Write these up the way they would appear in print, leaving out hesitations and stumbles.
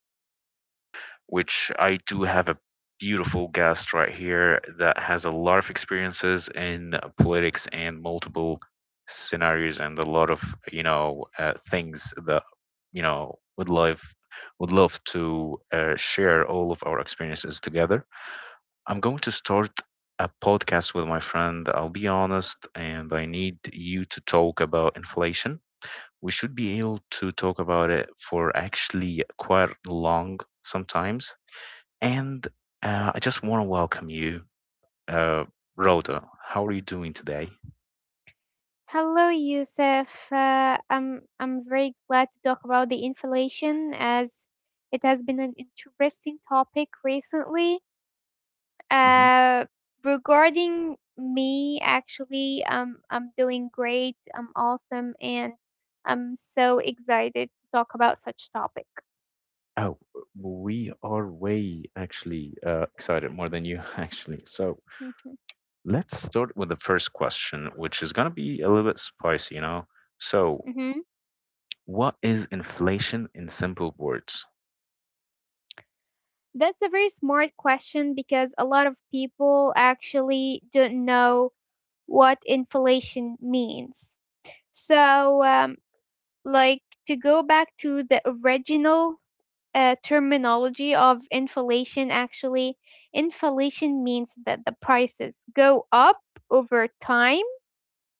episode, which I do have a beautiful guest right here that has a lot of experiences in politics and multiple scenarios and a lot of things that would love to share all of our experiences together. I'm going to start a podcast with my friend. I'll be honest, and I need you to talk about inflation. We should be able to talk about it for actually quite long sometimes. And I just want to welcome you, uh, Rhoda. How are you doing today? Hello, Yusuf. I'm very glad to talk about the inflation as it has been an interesting topic recently. Hmm. Uh, regarding me, actually, I'm doing great. I'm awesome, and I'm so excited to talk about such topic. Oh, we are way actually excited more than you actually. So Mhm. let's start with the first question, which is going to be a little bit spicy, you know? So, Mhm. what is inflation in simple words? That's a very smart question because a lot of people actually don't know what inflation means. So um, like to go back to the original terminology of inflation, actually inflation means that the prices go up over time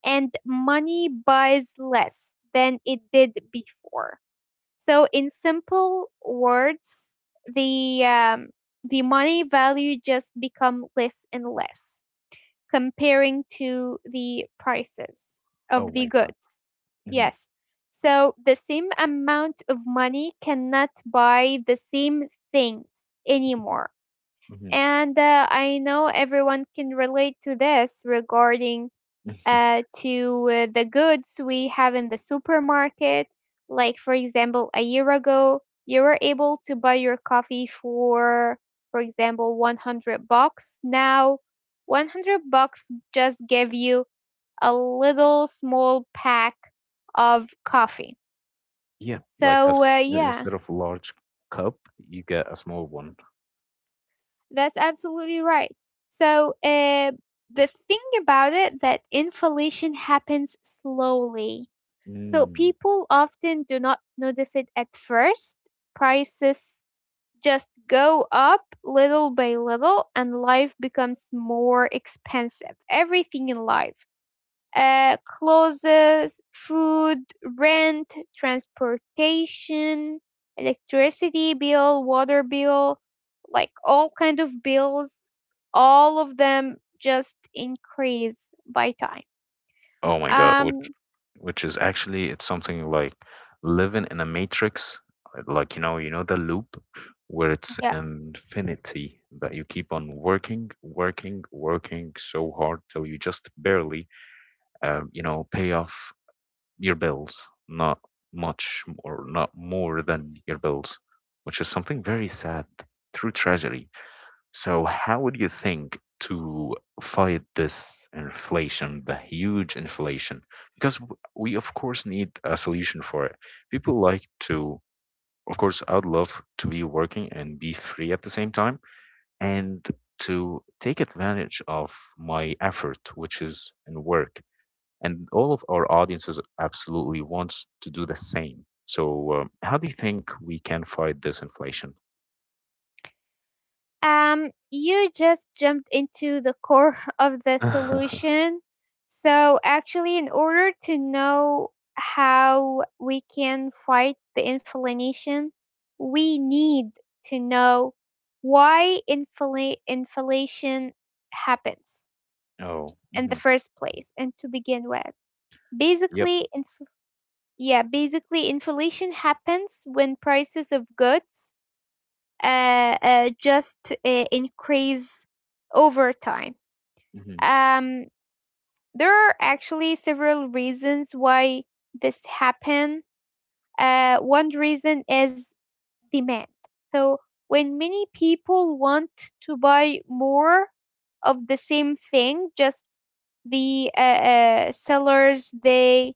and money buys less than it did before. So in simple words, the um, the money value just become less and less comparing to the prices Oh of the my God. goods. Hmm. Yes. So the same amount of money cannot buy the same things anymore. Hmm. And I know everyone can relate to this regarding to the goods we have in the supermarket. Like for example, a year ago, you were able to buy your coffee for example, 100 bucks. Now, 100 bucks just give you a little small pack of coffee. Yeah, like So, us, yeah, instead of large cup, you get a small one. that's absolutely right. So, the thing about it that inflation happens slowly. So, Mm. people often do not notice it at first. Prices just go up little by little, and life becomes more expensive. Everything in life. Clothes, food, rent, transportation, electricity bill, water bill, like all kind of bills, all of them just increase by time. Oh my God, which Um, which is actually it's something like living in a matrix, like you know, the loop where it's yeah. infinity that you keep on working, working, working so hard till you just barely you know, pay off your bills, not much or not more than your bills, which is something very sad, through tragedy. So, how would you think to fight this inflation, the huge inflation? Because we, of course, need a solution for it. People like to, of course, I'd love to be working and be free at the same time and to take advantage of my effort, which is in work, and all of our audiences absolutely wants to do the same. So, how do you think we can fight this inflation? You just jumped into the core of the solution. So, actually, in order to know how we can fight the inflation, we need to know why inflation happens Oh. in the Hmm. first place and to begin with. Yep. Basically, inf- yeah, basically inflation happens when prices of goods just increase over time. Hmm. Um, there are actually several reasons why this happen. One reason is demand. So when many people want to buy more of the same thing, just the sellers, they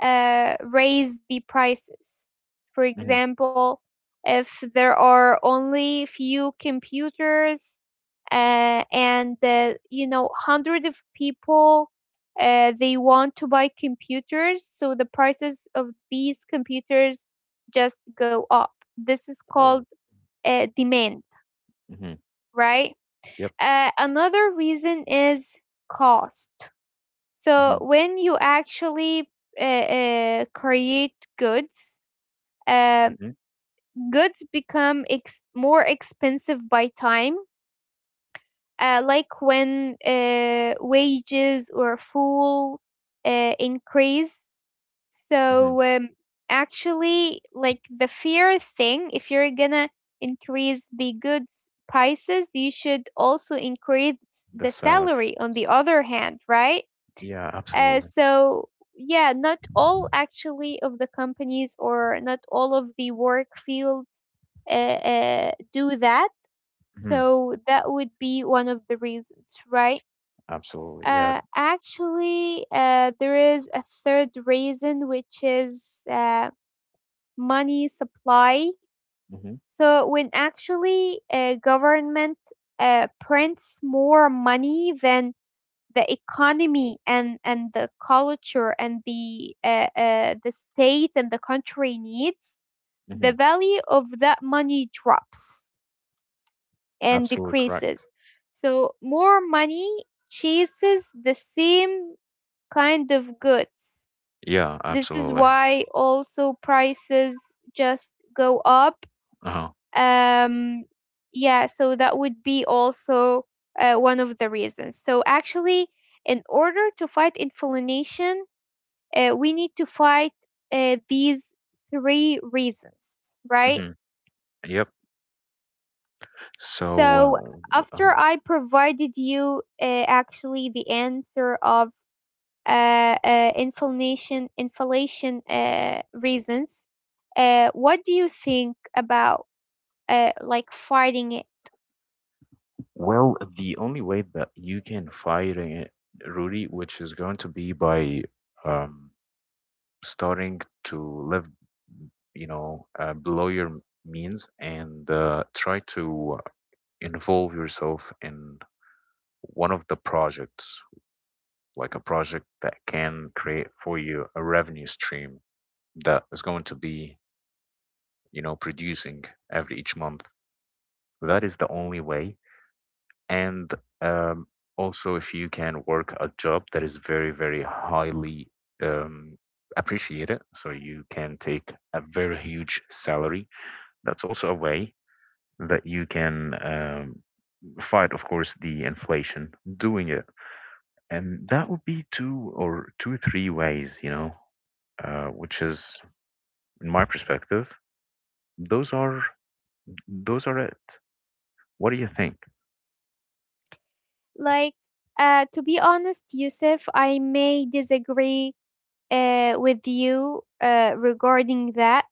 raise the prices. For Hmm. example, if there are only few computers and you know hundred of people they want to buy computers, so the prices of these computers just go up. This is called Oh. Demand, Hmm. right? Yep. Another reason is cost. So Hmm. when you actually create goods, uh, Hmm. goods become more expensive by time, like when wages or full increase. Hmm. So actually, like the fear thing, if you're gonna increase the goods prices, you should also increase The the salary, salary on the other hand, right? yeah, Uh, absolutely. so yeah, not all actually of the companies or not all of the work fields do that. Hmm. So that would be one of the reasons, right? Absolutely, yeah. Actually, there is a third reason, which is money supply. Hmm. So when actually a government prints more money than the economy and the culture and the state and the country needs, the Hmm. value of that money drops and Absolutely correct. decreases, so more money chases the same kind of goods. Yeah, This is absolutely. why also prices just go up. Uh-huh. um yeah, so that would be also one of the reasons. So actually in order to fight inflation, we need to fight these three reasons, right? Hmm. Yep. So, So, uh, uh, after I provided you actually the answer of inflation reasons, what do you think about like fighting it? well, the only way that you can fight it, Rudy, which is going to be by um, starting to live, you know, below your means, and try to involve yourself in one of the projects, like a project that can create for you a revenue stream that is going to be, you know, producing every each month. That is the only way. And um, also, if you can work a job that is very, very highly um, appreciated, so you can take a very huge salary, that's also a way that you can fight, of course, the inflation doing it. And that would be two or two three ways, you know, which is, in my perspective, those are those are it. What do you think? Like, to be honest, Yusuf, I may disagree with you regarding that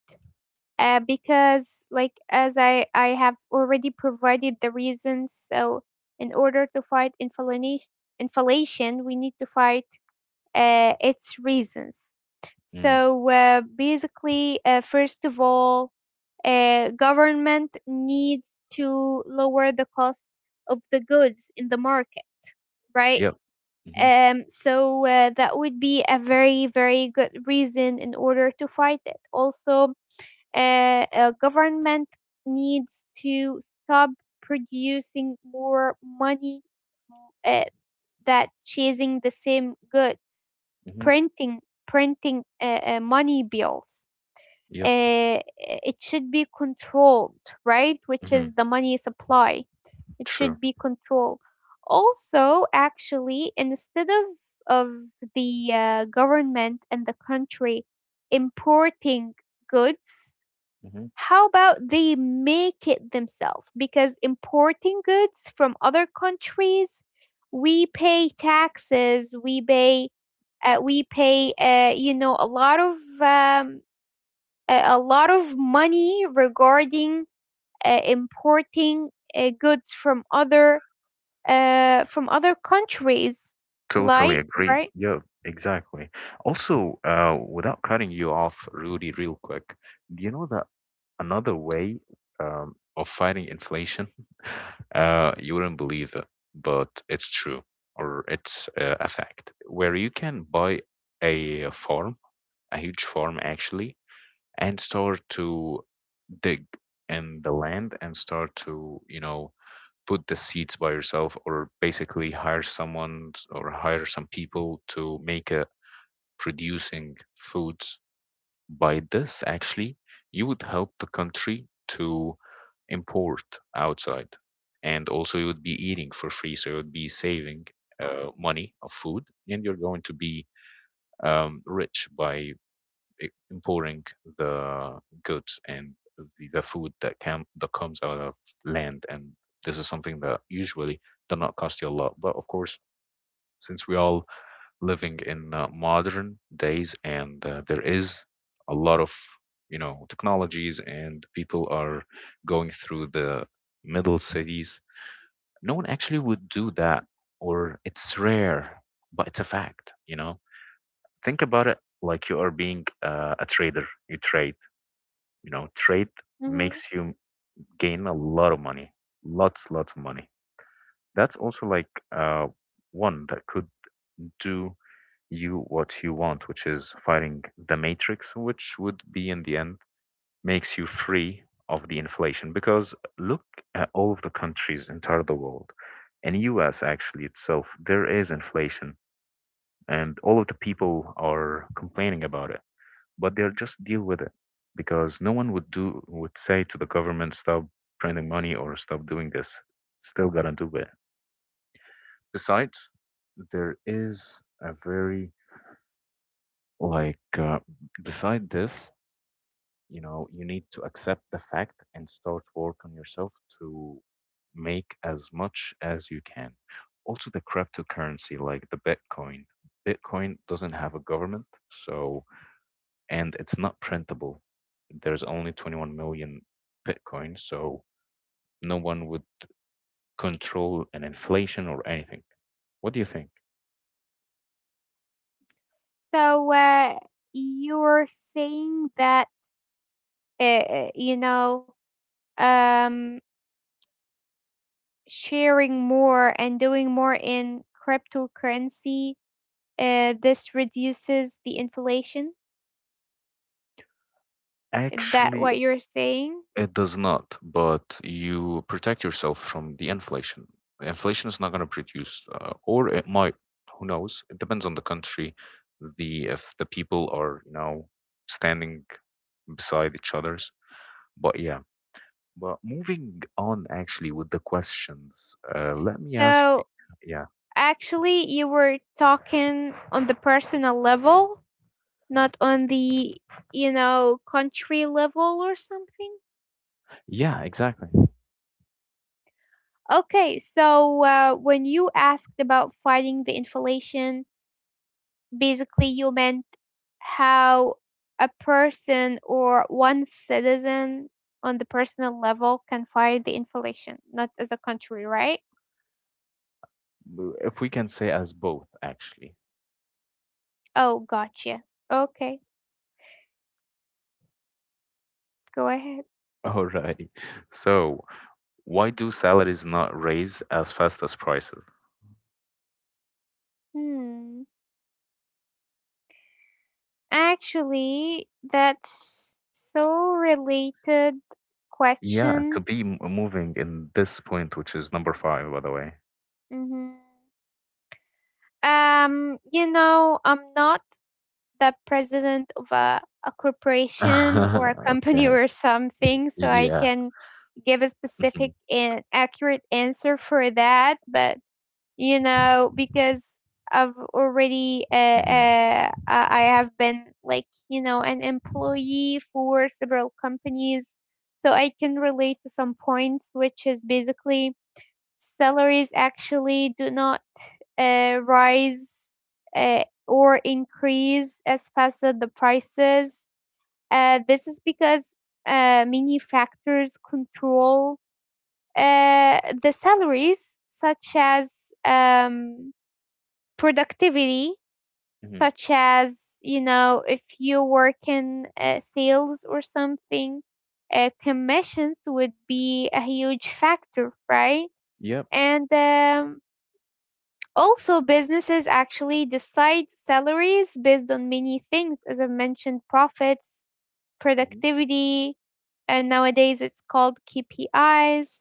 because like as I have already provided the reasons. So in order to fight inflation, we need to fight its reasons. Mm. So basically, first of all, government needs to lower the cost of the goods in the market, right? Yep. Hmm. So that would be a very, very good reason in order to fight it. Also, government needs to stop producing more money uh, that chasing the same good, Hmm. printing printing money bills. Yep. It should be controlled, right, which is Hmm. the money supply. It True. should be controlled. Also actually, instead of the government and the country importing goods, how about they make it themselves? Because importing goods from other countries, we pay taxes, we pay, you know, a lot of a lot of money regarding importing goods from other countries, Totally like, agree. right. Yeah, exactly. Also, without cutting you off, Rudy, real quick, do you know that another way of fighting inflation, you wouldn't believe it, but it's true, or it's a fact, where you can buy a farm, a huge farm actually, and start to dig in the land and start to, you know, put the seeds by yourself, or basically hire someone or hire some people to make a producing foods. By this actually, you would help the country to import outside, and also you would be eating for free, so you would be saving money of food, and you're going to be rich by importing the goods and the food that can that comes out of land. And this is something that usually does not cost you a lot, but of course, since we all living in modern days, and there is a lot of, you know, technologies and people are going through the middle cities, no one actually would do that, or it's rare, but it's a fact, you know. Think about it, like you are being a trader. You trade, you know, trade Hmm. makes you gain a lot of money, lots, lots of money. That's also like uh, one that could do you what you want, which is fighting the matrix, which would be in the end makes you free of the inflation. Because look at all of the countries entire the world, and U.S. actually itself, there is inflation, and all of the people are complaining about it, but they'll just deal with it, because no one would do, would say to the government stop printing money or stop doing this. Still gotta do it. Besides, there is a very like beside this, you know, you need to accept the fact and start work on yourself to make as much as you can. Also the cryptocurrency, like the Bitcoin. Bitcoin doesn't have a government, so, and it's not printable. There's only 21 million Bitcoin, so no one would control an inflation or anything. What do you think? So you're saying that you know, um sharing more and doing more in cryptocurrency, this reduces the inflation. Is that Actually, what you're saying? it does not, but you protect yourself from the inflation. Inflation is not going to produce, or it might. Who knows? It depends on the country, the, if the people are, you know, standing beside each others. But yeah. But moving on, actually, with the questions, let me ask you. So Yeah. actually, you were talking on the personal level, not on the, you know, country level or something. Yeah, exactly. Okay, so when you asked about fighting the inflation, basically, you meant how a person or one citizen on the personal level can fight the inflation, not as a country, right? If we can say as both, actually. Oh, gotcha. Okay, go ahead. Alrighty. So, why do salaries not raise as fast as prices? Hmm. Actually, that's so related Yeah, to question. be moving in this point, which is number five, by the way. hmm you know, I'm not the president of a corporation or a company Okay. or something, so I Yeah. can give a Hmm. specific and accurate answer for that. But you know, because i've already uh, Hmm. I have been like you know an employee for several companies, so I can relate to some points, which is basically salaries actually do not rise or increase as fast as the prices. This is because manufacturers control the salaries, such as productivity, Hmm. such as, you know, if you work in sales or something, commissions would be a huge factor, right? Yep. And also, businesses actually decide salaries based on many things, as I mentioned, profits, Hmm. productivity, and nowadays it's called KPIs,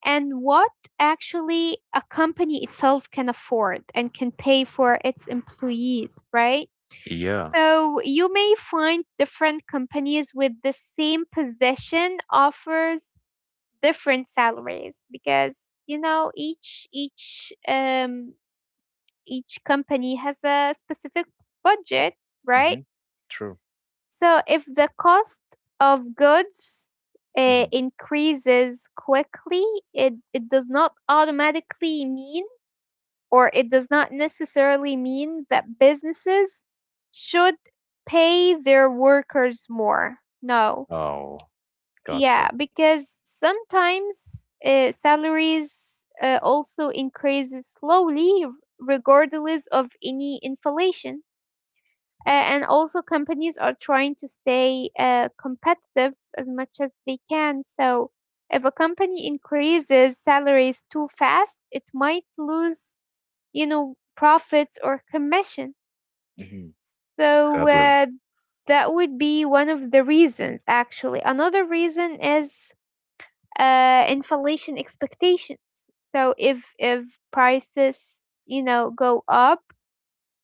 and what actually a company itself can afford and can pay for its employees, right? Yeah. So you may find different companies with the same position offers different salaries because you know each company has a specific budget, right? Hmm. True. So if the cost of goods Hmm. increases quickly, it does not automatically mean, or it does not necessarily mean that businesses should pay their workers more. No. Oh. Yeah, Gotcha. because sometimes salaries also increases slowly regardless of any inflation. And also, companies are trying to stay competitive as much as they can. So, if a company increases salaries too fast, it might lose, you know, profits or commission. Hmm. So, Sadly. That would be one of the reasons, actually. Another reason is inflation expectations. So, if prices, you know, go up,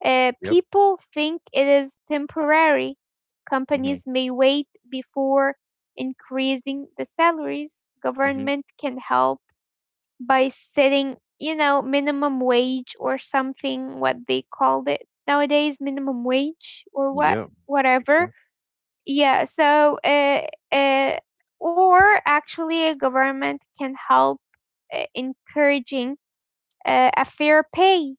Yep. people think it is temporary. Hmm. Companies may wait before increasing the salaries. Hmm. Government can help by setting, you know, minimum wage or something, what they called it nowadays, minimum wage or what, Yep. whatever. Exactly. Yeah, so, uh, or actually, a government can help encouraging a fair pay.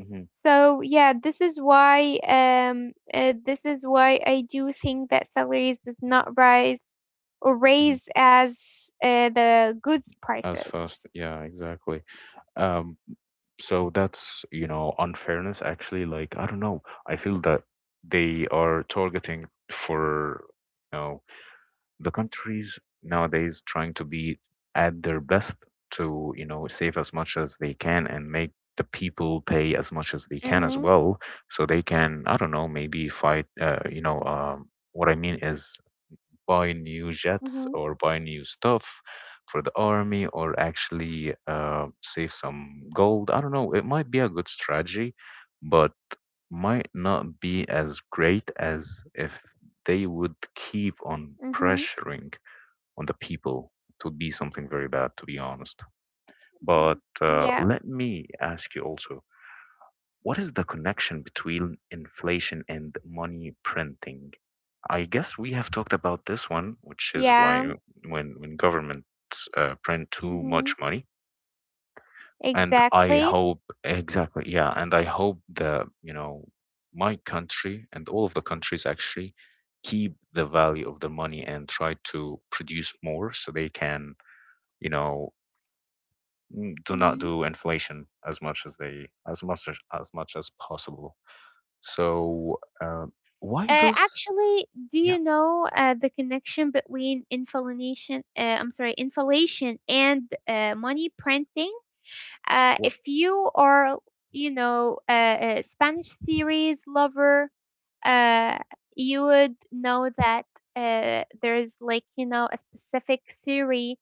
Hmm. So yeah, this is why I do think that salaries does not rise or Hmm. raise as the goods As prices. fast. Yeah, exactly. Um, so that's, you know, unfairness, actually. Like I don't know, I feel that they are targeting for, you know, the countries nowadays trying to be at their best to, you know, save as much as they can and make the people pay as much as they can as Mhm. well, so they can, I don't know, maybe fight, you know, what I mean is buy new jets Mhm. or buy new stuff for the army, or actually save some gold. I don't know. It might be a good strategy, but might not be as great as if they would keep on Mhm. pressuring on the people. It would be something very bad, to be honest. But Mhm. Yeah. let me ask you also, what is the connection between inflation and money printing? I guess we have talked about this one, which is why Yeah. When governments print too Mhm. much money, and I Exactly. hope exactly, yeah, and I hope that, you know, my country and all of the countries actually keep the value of the money and try to produce more, so they can, you know, mm, do not Mhm. do inflation as much as they, as much as possible. So why does Actually, do yeah you know the connection between inflation? I'm sorry, inflation and money printing? What? If you are, you know, a Spanish series lover, uh, you would know that there is like you know a specific series.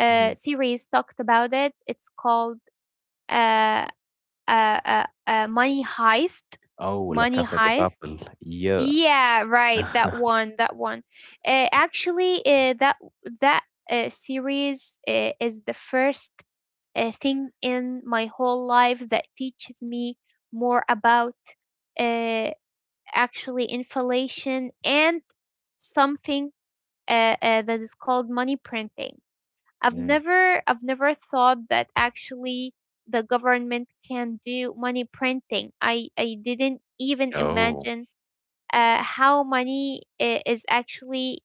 Mm-hmm. Series talked about it. It's called uh, Money Heist. Oh, La Money Casa de Heist, Papel. Yeah. yeah, right. That one, that one. Actually, that series is the first thing in my whole life that teaches me more about uh, actually inflation and something that is called money printing. Mm. I've never thought that actually the government can do money printing. I didn't even Oh, imagine how money is actually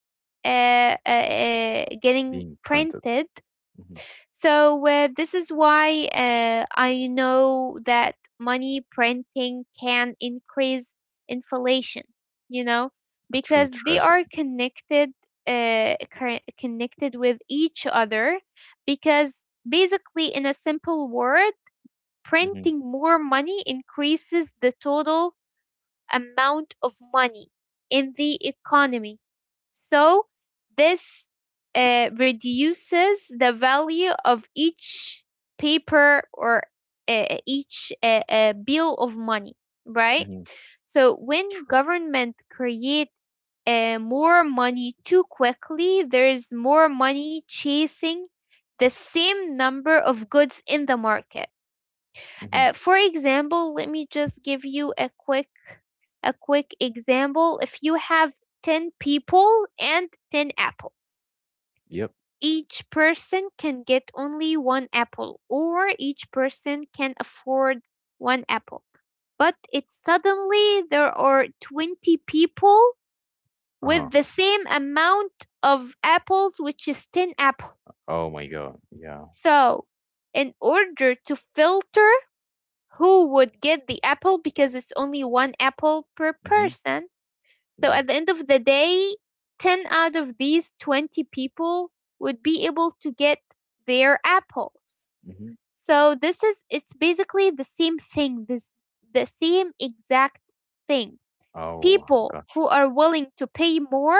getting being printed. printed. Hmm. So this is why I know that money printing can increase inflation. You know, A true because they treasure. are connected, connected with each other. Because basically, in a simple word, Hmm. printing more money increases the total amount of money in the economy. So this reduces the value of each paper or each bill of money, right? Hmm. So when True. government create more money too quickly, there is more money chasing the same number of goods in the market. Hmm. For example, let me just give you a quick example. If you have 10 people and 10 apples, Yep. each person can get only one apple, or each person can afford one apple. But it suddenly there are 20 people Uh-huh. with the same amount of apples, which is 10 apples. Oh my God. Yeah. So, in order to filter who would get the apple because it's only one apple per Hmm. person, so Yeah. at the end of the day, 10 out of these 20 people would be able to get their apples. Hmm. So this is it's basically the same thing, this the same exact thing. Oh People gosh. who are willing to pay more,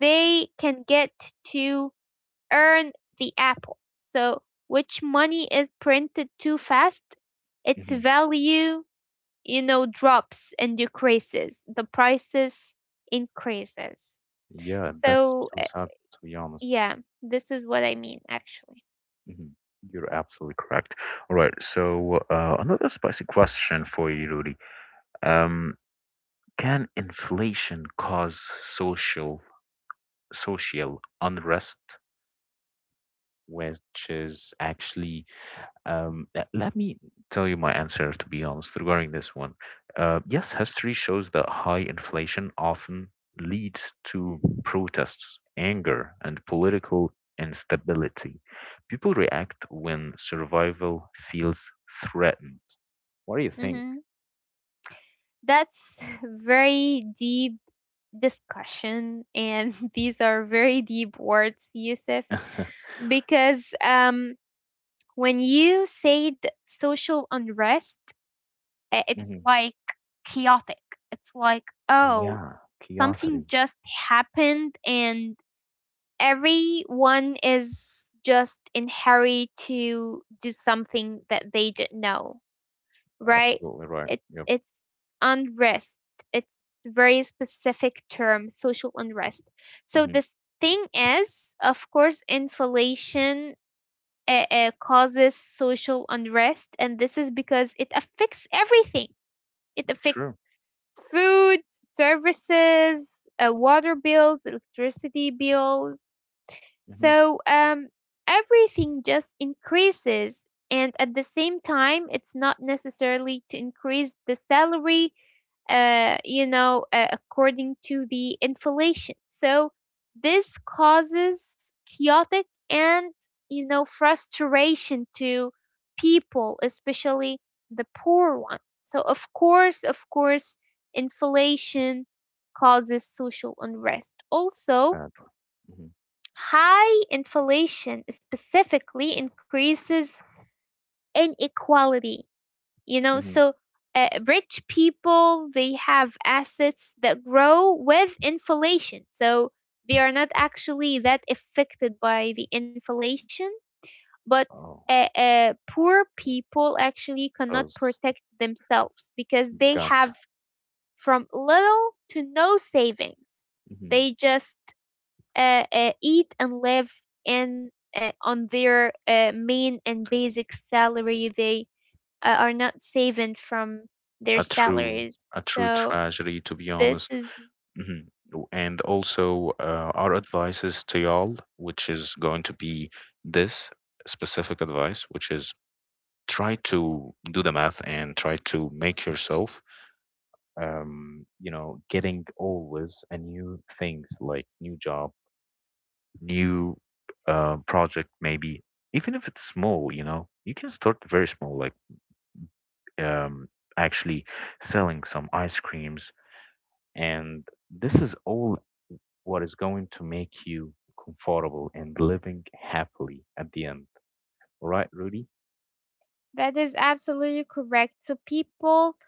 they can get to earn the apple. So which money is printed too fast, its Hmm. value, drops and decreases. The prices increases. Yeah, that's So, so sad, to be honest. yeah, this is what I mean actually. Hmm. You're absolutely correct. All right. So another spicy question for you, Rudy. Um, can inflation cause social social unrest? Which is actually, let me tell you my answer, to be honest, regarding this one. Yes, history shows that high inflation often leads to protests, anger, and political instability. People react when survival feels threatened. What do you think? Hmm. That's very deep discussion, and these are very deep words, Yusuf, Hmm. because when you said social unrest, it's like chaotic. It's like, oh, Yeah, something curiosity. just happened and everyone is just in hurry to do something that they didn't know, right? Absolutely right, it's yep. it's unrest. It's very specific term, social unrest. So Hmm. this thing is, of course, inflation causes social unrest, and this is because it affects everything. It affects True. food, services, water bills, electricity bills. Hmm. So everything just increases. And at the same time, it's not necessarily to increase the salary according to the inflation. So this causes chaotic and, frustration to people, especially the poor one. So of course, inflation causes social unrest. Also, Sadly. Hmm. high inflation specifically increases inequality, Hmm. so rich people, they have assets that grow with inflation, so they are not actually that affected by the inflation. But Oh, poor people actually cannot those. protect themselves because they have Gotcha. from little to no savings. Mhm. They just eat and live in on their main and basic salary. They are not saving from their A true, salaries. a true So tragedy, to be this honest. is Mhm. And also, our advice is to y'all, which is going to be this specific advice, which is try to do the math and try to make yourself, you know, getting always a new things, like new job, new project, maybe, even if it's small. You know, you can start very small, like um, actually selling some ice creams. And this is all what is going to make you comfortable and living happily at the end. All right, Rudy? That is absolutely correct. So people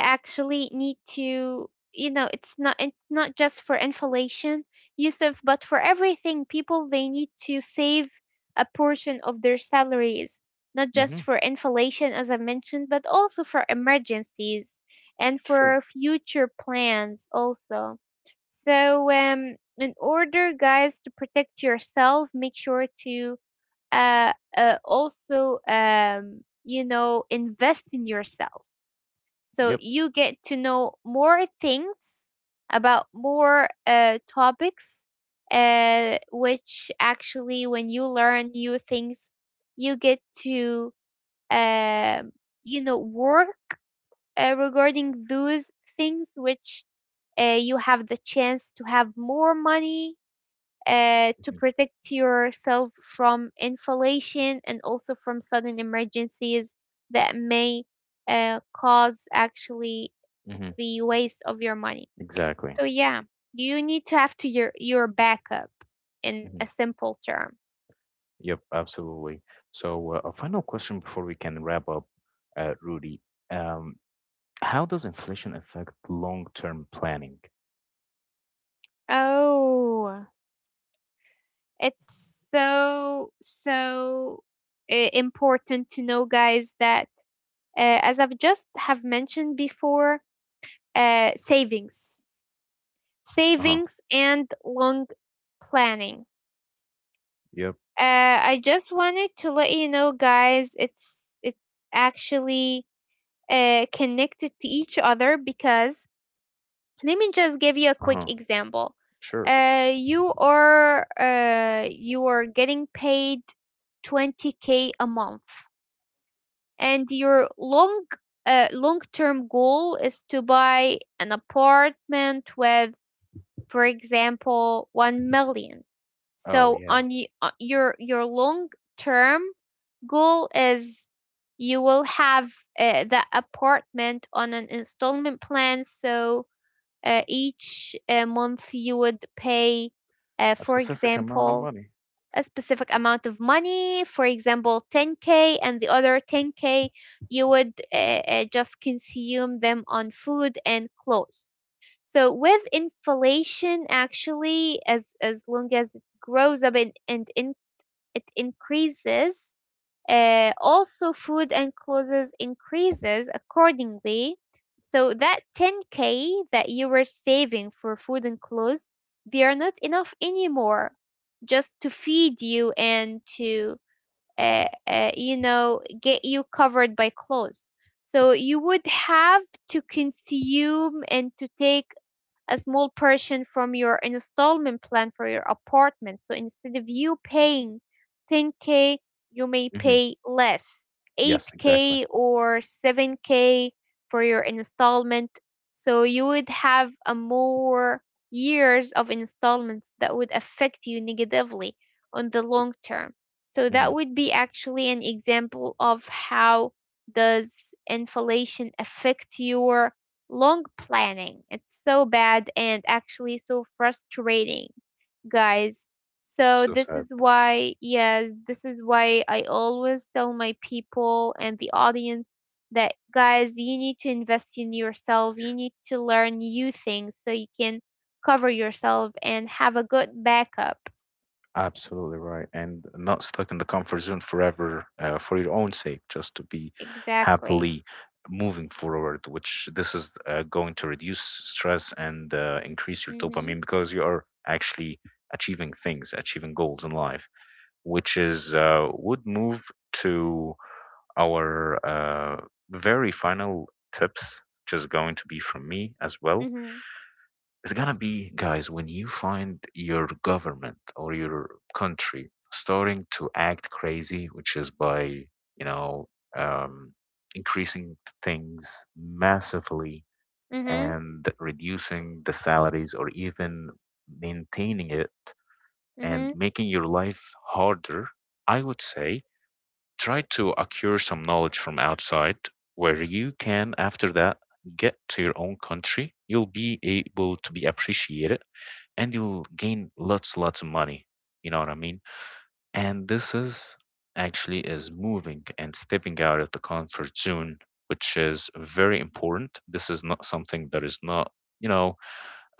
actually need to, it's not just for inflation, Yusuf, but for everything. People, they need to save a portion of their salaries, not just Mm-hmm. for inflation, as I mentioned, but also for emergencies and True. for future plans also. So, in order, guys, to protect yourself, make sure to also, invest in yourself. So Yep. you get to know more things about more topics, which actually, when you learn new things, you get to, um work regarding those things, which you have the chance to have more money to protect yourself from inflation and also from sudden emergencies that may cause actually Mm-hmm. the waste of your money. Exactly. So yeah, you need to have to your backup in Hmm. a simple term. Yep, absolutely. So, a final question before we can wrap up, Rudy. Um, how does inflation affect long-term planning? Oh, it's so so important to know, guys, that as I've just have mentioned before, savings, Uh-huh. savings and long planning. Yep. I just wanted to let you know, guys, it's actually connected to each other because let me just give you a quick Uh-huh. example. Sure. You are getting paid 20K a month, and your long term goal is to buy an apartment with, for example, 1 million. Oh, So yeah. on your long term goal is you will have the apartment on an installment plan. So each month you would pay A for specific amount of example money. a specific amount of money, for example 10K, and the other 10K you would just consume them on food and clothes. So with inflation, actually, as long as it grows up and, it increases, also food and clothes increases accordingly. So that 10K that you were saving for food and clothes, they are not enough anymore, just to feed you and to get you covered by clothes. So you would have to consume and to take a small portion from your installment plan for your apartment. So instead of you paying 10K, you may Mhm. pay less, Yes, exactly. 8K or 7K for your installment. So you would have a more years of installments that would affect you negatively on the long term. So that Mhm. would be actually an example of how does inflation affect your long planning. It's so bad and actually so frustrating, guys. So So this sad. is why, yes, this is why I always tell my people and the audience that, guys, you need to invest in yourself. You need to learn new things so you can cover yourself and have a good backup. Absolutely right. And not stuck in the comfort zone forever, for your own sake, just to be Exactly. happily moving forward, which this is going to reduce stress and increase your Mhm. dopamine because you are actually achieving things, achieving goals in life, which is would move to our very final tips, which is going to be from me as well. Mhm. It's gonna be, guys, when you find your government or your country starting to act crazy, which is by, you know, um, increasing things massively Mhm. and reducing the salaries or even maintaining it and Mhm. making your life harder, I would say try to acquire some knowledge from outside, where you can after that get to your own country, you'll be able to be appreciated, and you'll gain lots, lots of money, you know what I mean. And this is actually is moving and stepping out of the comfort zone, which is very important. This is not something that is not, you know,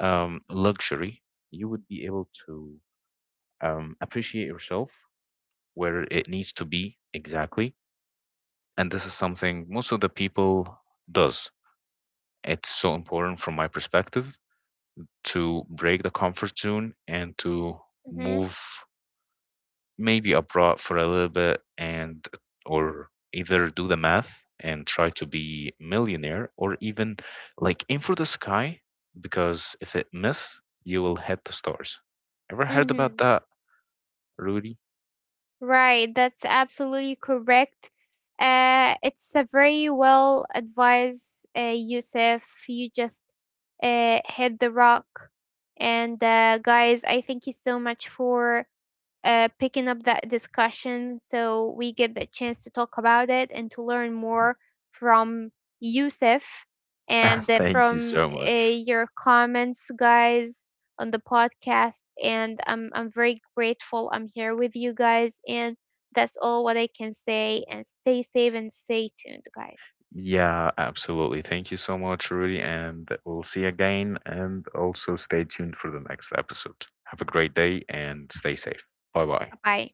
luxury. You would be able to appreciate yourself where it needs to be exactly, and this is something most of the people does. It's so important, from my perspective, to break the comfort zone and to Mhm. move maybe abroad for a little bit, and or either do the math and try to be millionaire, or even like aim for the sky, because if it miss you will hit the stars. Ever heard about Mhm. that, Rudy? Right, that's absolutely correct. It's a very well advised, Yusuf. You just hit the rock. And guys, I thank you so much for picking up that discussion so we get the chance to talk about it and to learn Mhm. more from Yusuf and Thank you from so much. your comments, guys, on the podcast. And I'm very grateful I'm here with you guys. And that's all what I can say. And stay safe and stay tuned, guys. Yeah, absolutely. Thank you so much, Rudy, and we'll see you again. And also stay tuned for the next episode. Have a great day and stay safe. Bye bye. Bye, bye.